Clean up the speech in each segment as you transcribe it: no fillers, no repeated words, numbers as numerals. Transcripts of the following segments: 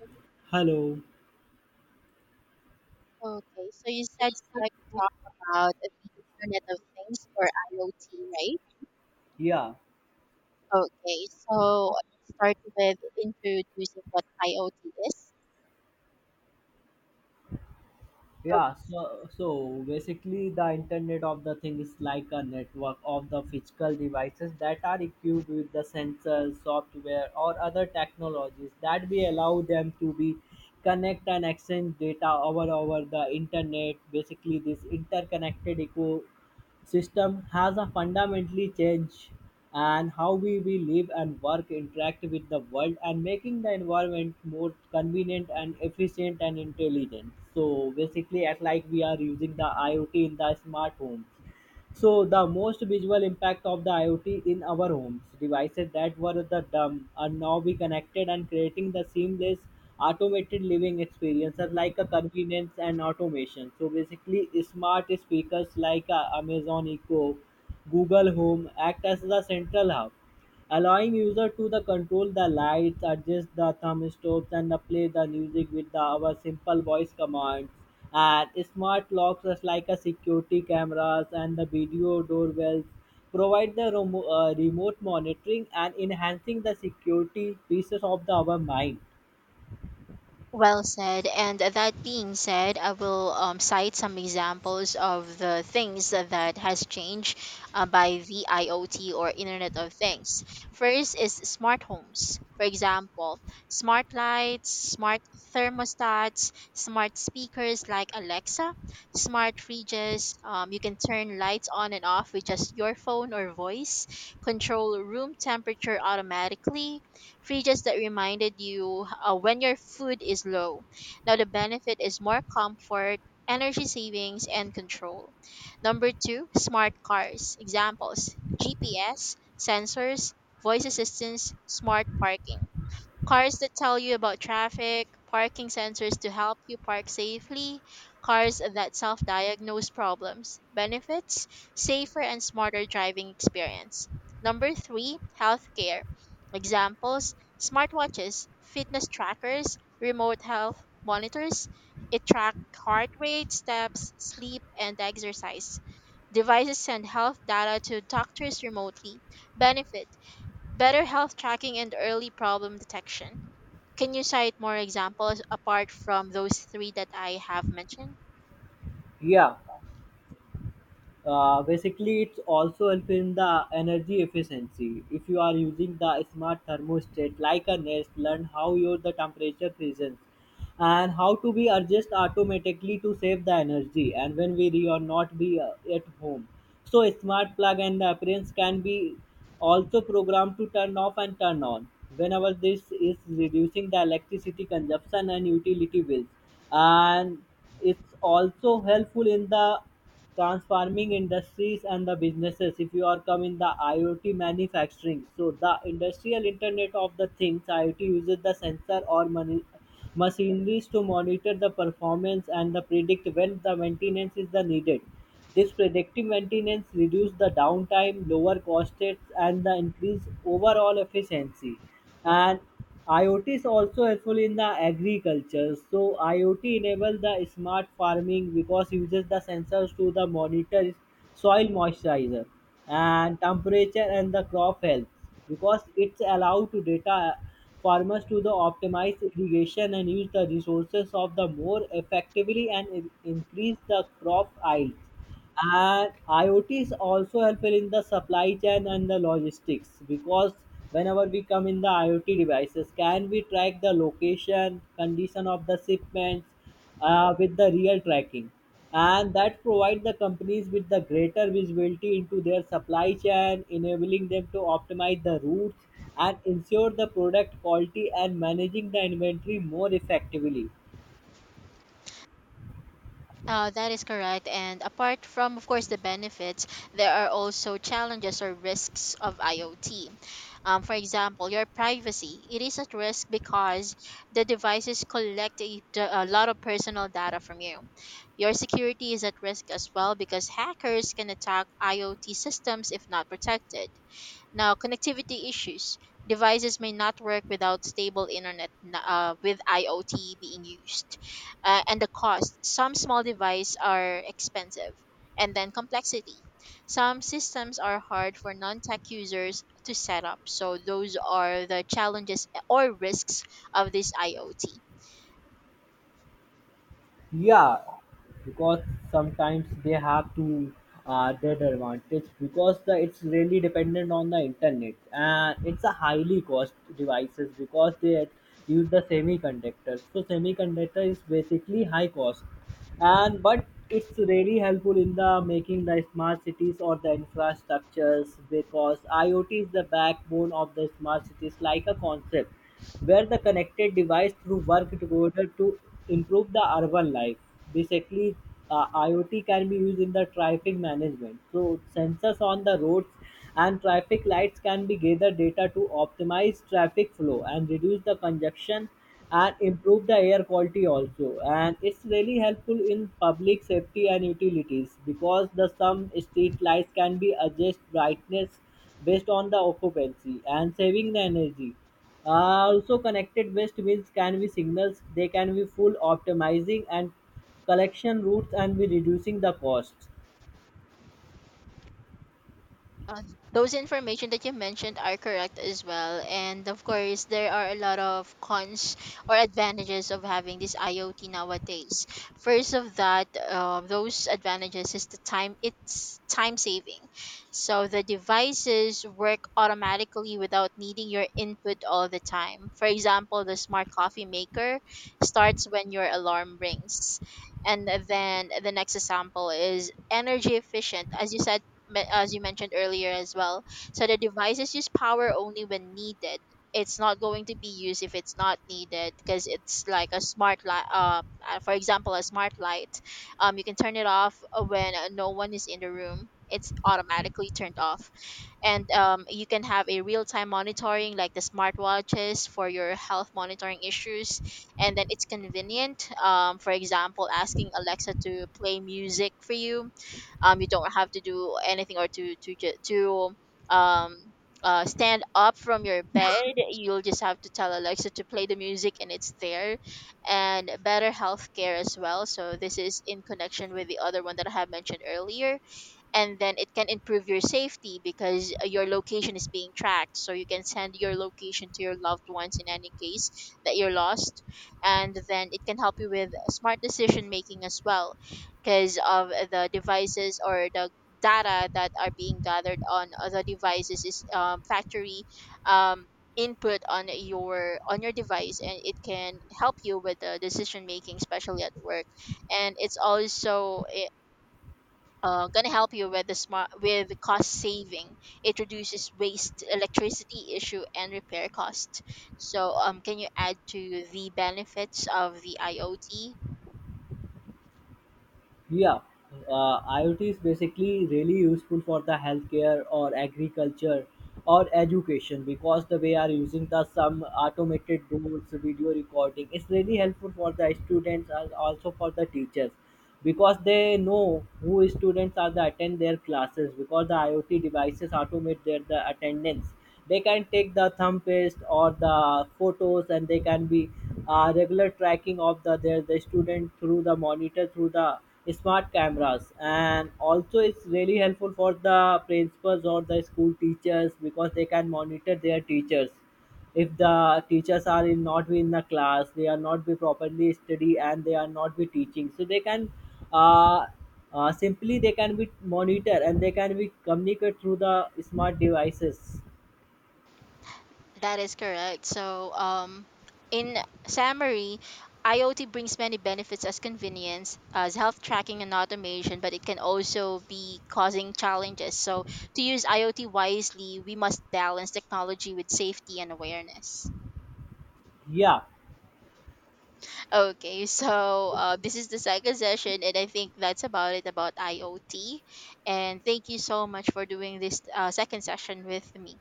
Okay, Hello. okay, so you said you'd like to talk about the Internet of Things or IoT, right? Yeah, Okay, so let's start with introducing what IoT is. yeah. So, basically, the Internet of the Thing is like a network of the physical devices that are equipped with the sensors, software, or other technologies that we allow them to be connect and exchange data over the internet. Basically, this interconnected eco system has a fundamentally changed and how we live and work interact with the world and making the environment more convenient and efficient and intelligent. So basically at like we are using the iot in the smart home. So the most visual impact of the IoT in our homes, devices that were the dumb are now be connected and creating the seamless automated living experiences like a convenience and automation. So basically smart speakers like Amazon Echo, Google Home act as the central hub allowing user to the control the lights, adjust the thumbstops, and the play the music with the, our simple voice commands. And smart locks, just like a security cameras and the video doorbells, provide the remote monitoring and enhancing the security pieces of the, our mind. Well said. And that being said, I will cite some examples of the things that has changed by the IoT or Internet of Things. First is smart homes. For example, smart lights, smart thermostats, smart speakers like Alexa, smart fridges. You can turn lights on and off with just your phone or voice, control room temperature automatically, fridges that reminded you when your food is low. Now, the benefit is more comfort, energy savings, and control. Number two, smart cars. Examples: GPS, sensors, voice assistants, smart parking. Cars that tell you about traffic, parking sensors to help you park safely, cars that self diagnose problems, benefits, safer and smarter driving experience. Number three, healthcare. Examples: smartwatches, fitness trackers, remote health monitors. It track heart rate, steps, sleep, and exercise. Devices send health data to doctors remotely. Benefit: better health tracking and early problem detection. Can you cite more examples apart from those three that I have mentioned? Yeah. Basically it's also help in the energy efficiency if you are using the smart thermostat like a nest learn how your the temperature presence and how to be adjust automatically to save the energy and when we or not be at home. So a smart plug and the appliance can be also programmed to turn off and turn on whenever this is reducing the electricity consumption and utility bills. And it's also helpful in the transforming industries and the businesses. If you are coming the IoT manufacturing, so the industrial Internet of the Things IoT uses the sensor or machineries to monitor the performance and the predict when the maintenance is the needed. This predictive maintenance reduces the downtime, lower costs, and the increase overall efficiency. And IoT is also helpful in the agriculture. So IoT enables the smart farming because uses the sensors to the monitor soil moisturizer and temperature and the crop health, because it's allowed to data farmers to the optimize irrigation and use the resources of the more effectively and increase the crop yield. And IoT is also helpful in the supply chain and the logistics, because whenever we come in the IoT devices, can we track the location, condition of the shipments with the real tracking, and that provide the companies with the greater visibility into their supply chain, enabling them to optimize the routes and ensure the product quality and managing the inventory more effectively. That is correct. And apart from, of course, the benefits, there are also challenges or risks of IoT. For example, your privacy. It is at risk because the devices collect a lot of personal data from you. Your security is at risk as well because hackers can attack IoT systems if not protected. Now, connectivity issues. Devices may not work without stable with IoT being used. And the cost. Some small devices are expensive. And then complexity. Some systems are hard for non tech users to set up. So, those are the challenges or risks of this IoT. Yeah, because sometimes they have to that advantage because the, it's really dependent on the internet and it's a highly cost devices because they use the semiconductor. So semiconductor is basically high cost and but it's really helpful in the making the smart cities or the infrastructures, because IoT is the backbone of the smart cities like a concept where the connected device through work together to improve the urban life. Basically, IoT can be used in the traffic management. So sensors on the roads and traffic lights can be gather data to optimize traffic flow and reduce the congestion and improve the air quality also. And it's really helpful in public safety and utilities, because the some street lights can be adjust brightness based on the occupancy and saving the energy. Also connected waste bins can be signals they can be full optimizing and collection routes and be reducing the costs. Uh, those information that you mentioned are correct as well. And of course, there are a lot of cons or advantages of having this IoT nowadays. First of that, those advantages is the time. It's time saving. So the devices work automatically without needing your input all the time. For example, the smart coffee maker starts when your alarm rings. And then the next example is energy efficient. As you mentioned earlier as well. So the devices use power only when needed. It's not going to be used if it's not needed because it's like a smart light. For example, a smart light. You can turn it off when no one is in the room. It's automatically turned off, and you can have a real-time monitoring like the smartwatches for your health monitoring issues, and then it's convenient. For example, asking Alexa to play music for you, you don't have to do anything or to um stand up from your bed. You'll just have to tell Alexa to play the music and it's there. And better healthcare as well, so this is in connection with the other one that I have mentioned earlier. And then it can improve your safety because your location is being tracked, so you can send your location to your loved ones in any case that you're lost. And then it can help you with smart decision making as well, because of the devices or the data that are being gathered on other devices is factory um, input on your device, and it can help you with the decision making, especially at work. And it's also going to help you with the smart with the cost saving. It reduces waste, electricity issue, and repair cost. So, can you add to the benefits of the IoT? Yeah, iot is basically really useful for the healthcare or agriculture or education, because the way are using the some automated tools video recording it's really helpful for the students and also for the teachers, because they know who students are the attend their classes because the iot devices automate their the attendance. They can take the thumb paste or the photos and they can be regular tracking of the their the student through the monitor through the smart cameras. And also it's really helpful for the principals or the school teachers, because they can monitor their teachers. If the teachers are in, not be in the class they are not be properly study and they are not be teaching so they can uh, simply they can be monitor and they can be communicate through the smart devices. That is correct. So, in summary, IoT brings many benefits as convenience, as health tracking and automation, but it can also be causing challenges. So, to use IoT wisely, we must balance technology with safety and awareness. Yeah, Okay, so this is the second session, and I think that's about it about IoT. And thank you so much for doing this second session with me,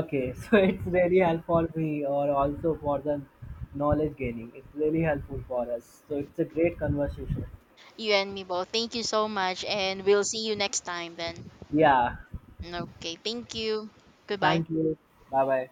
okay. So it's really helpful for me or also for the knowledge gaining. It's really helpful for us. So it's a great conversation. you and me both. Thank you so much, and we'll see you next time then. Yeah. Okay, thank you. Goodbye. Thank you. Bye bye.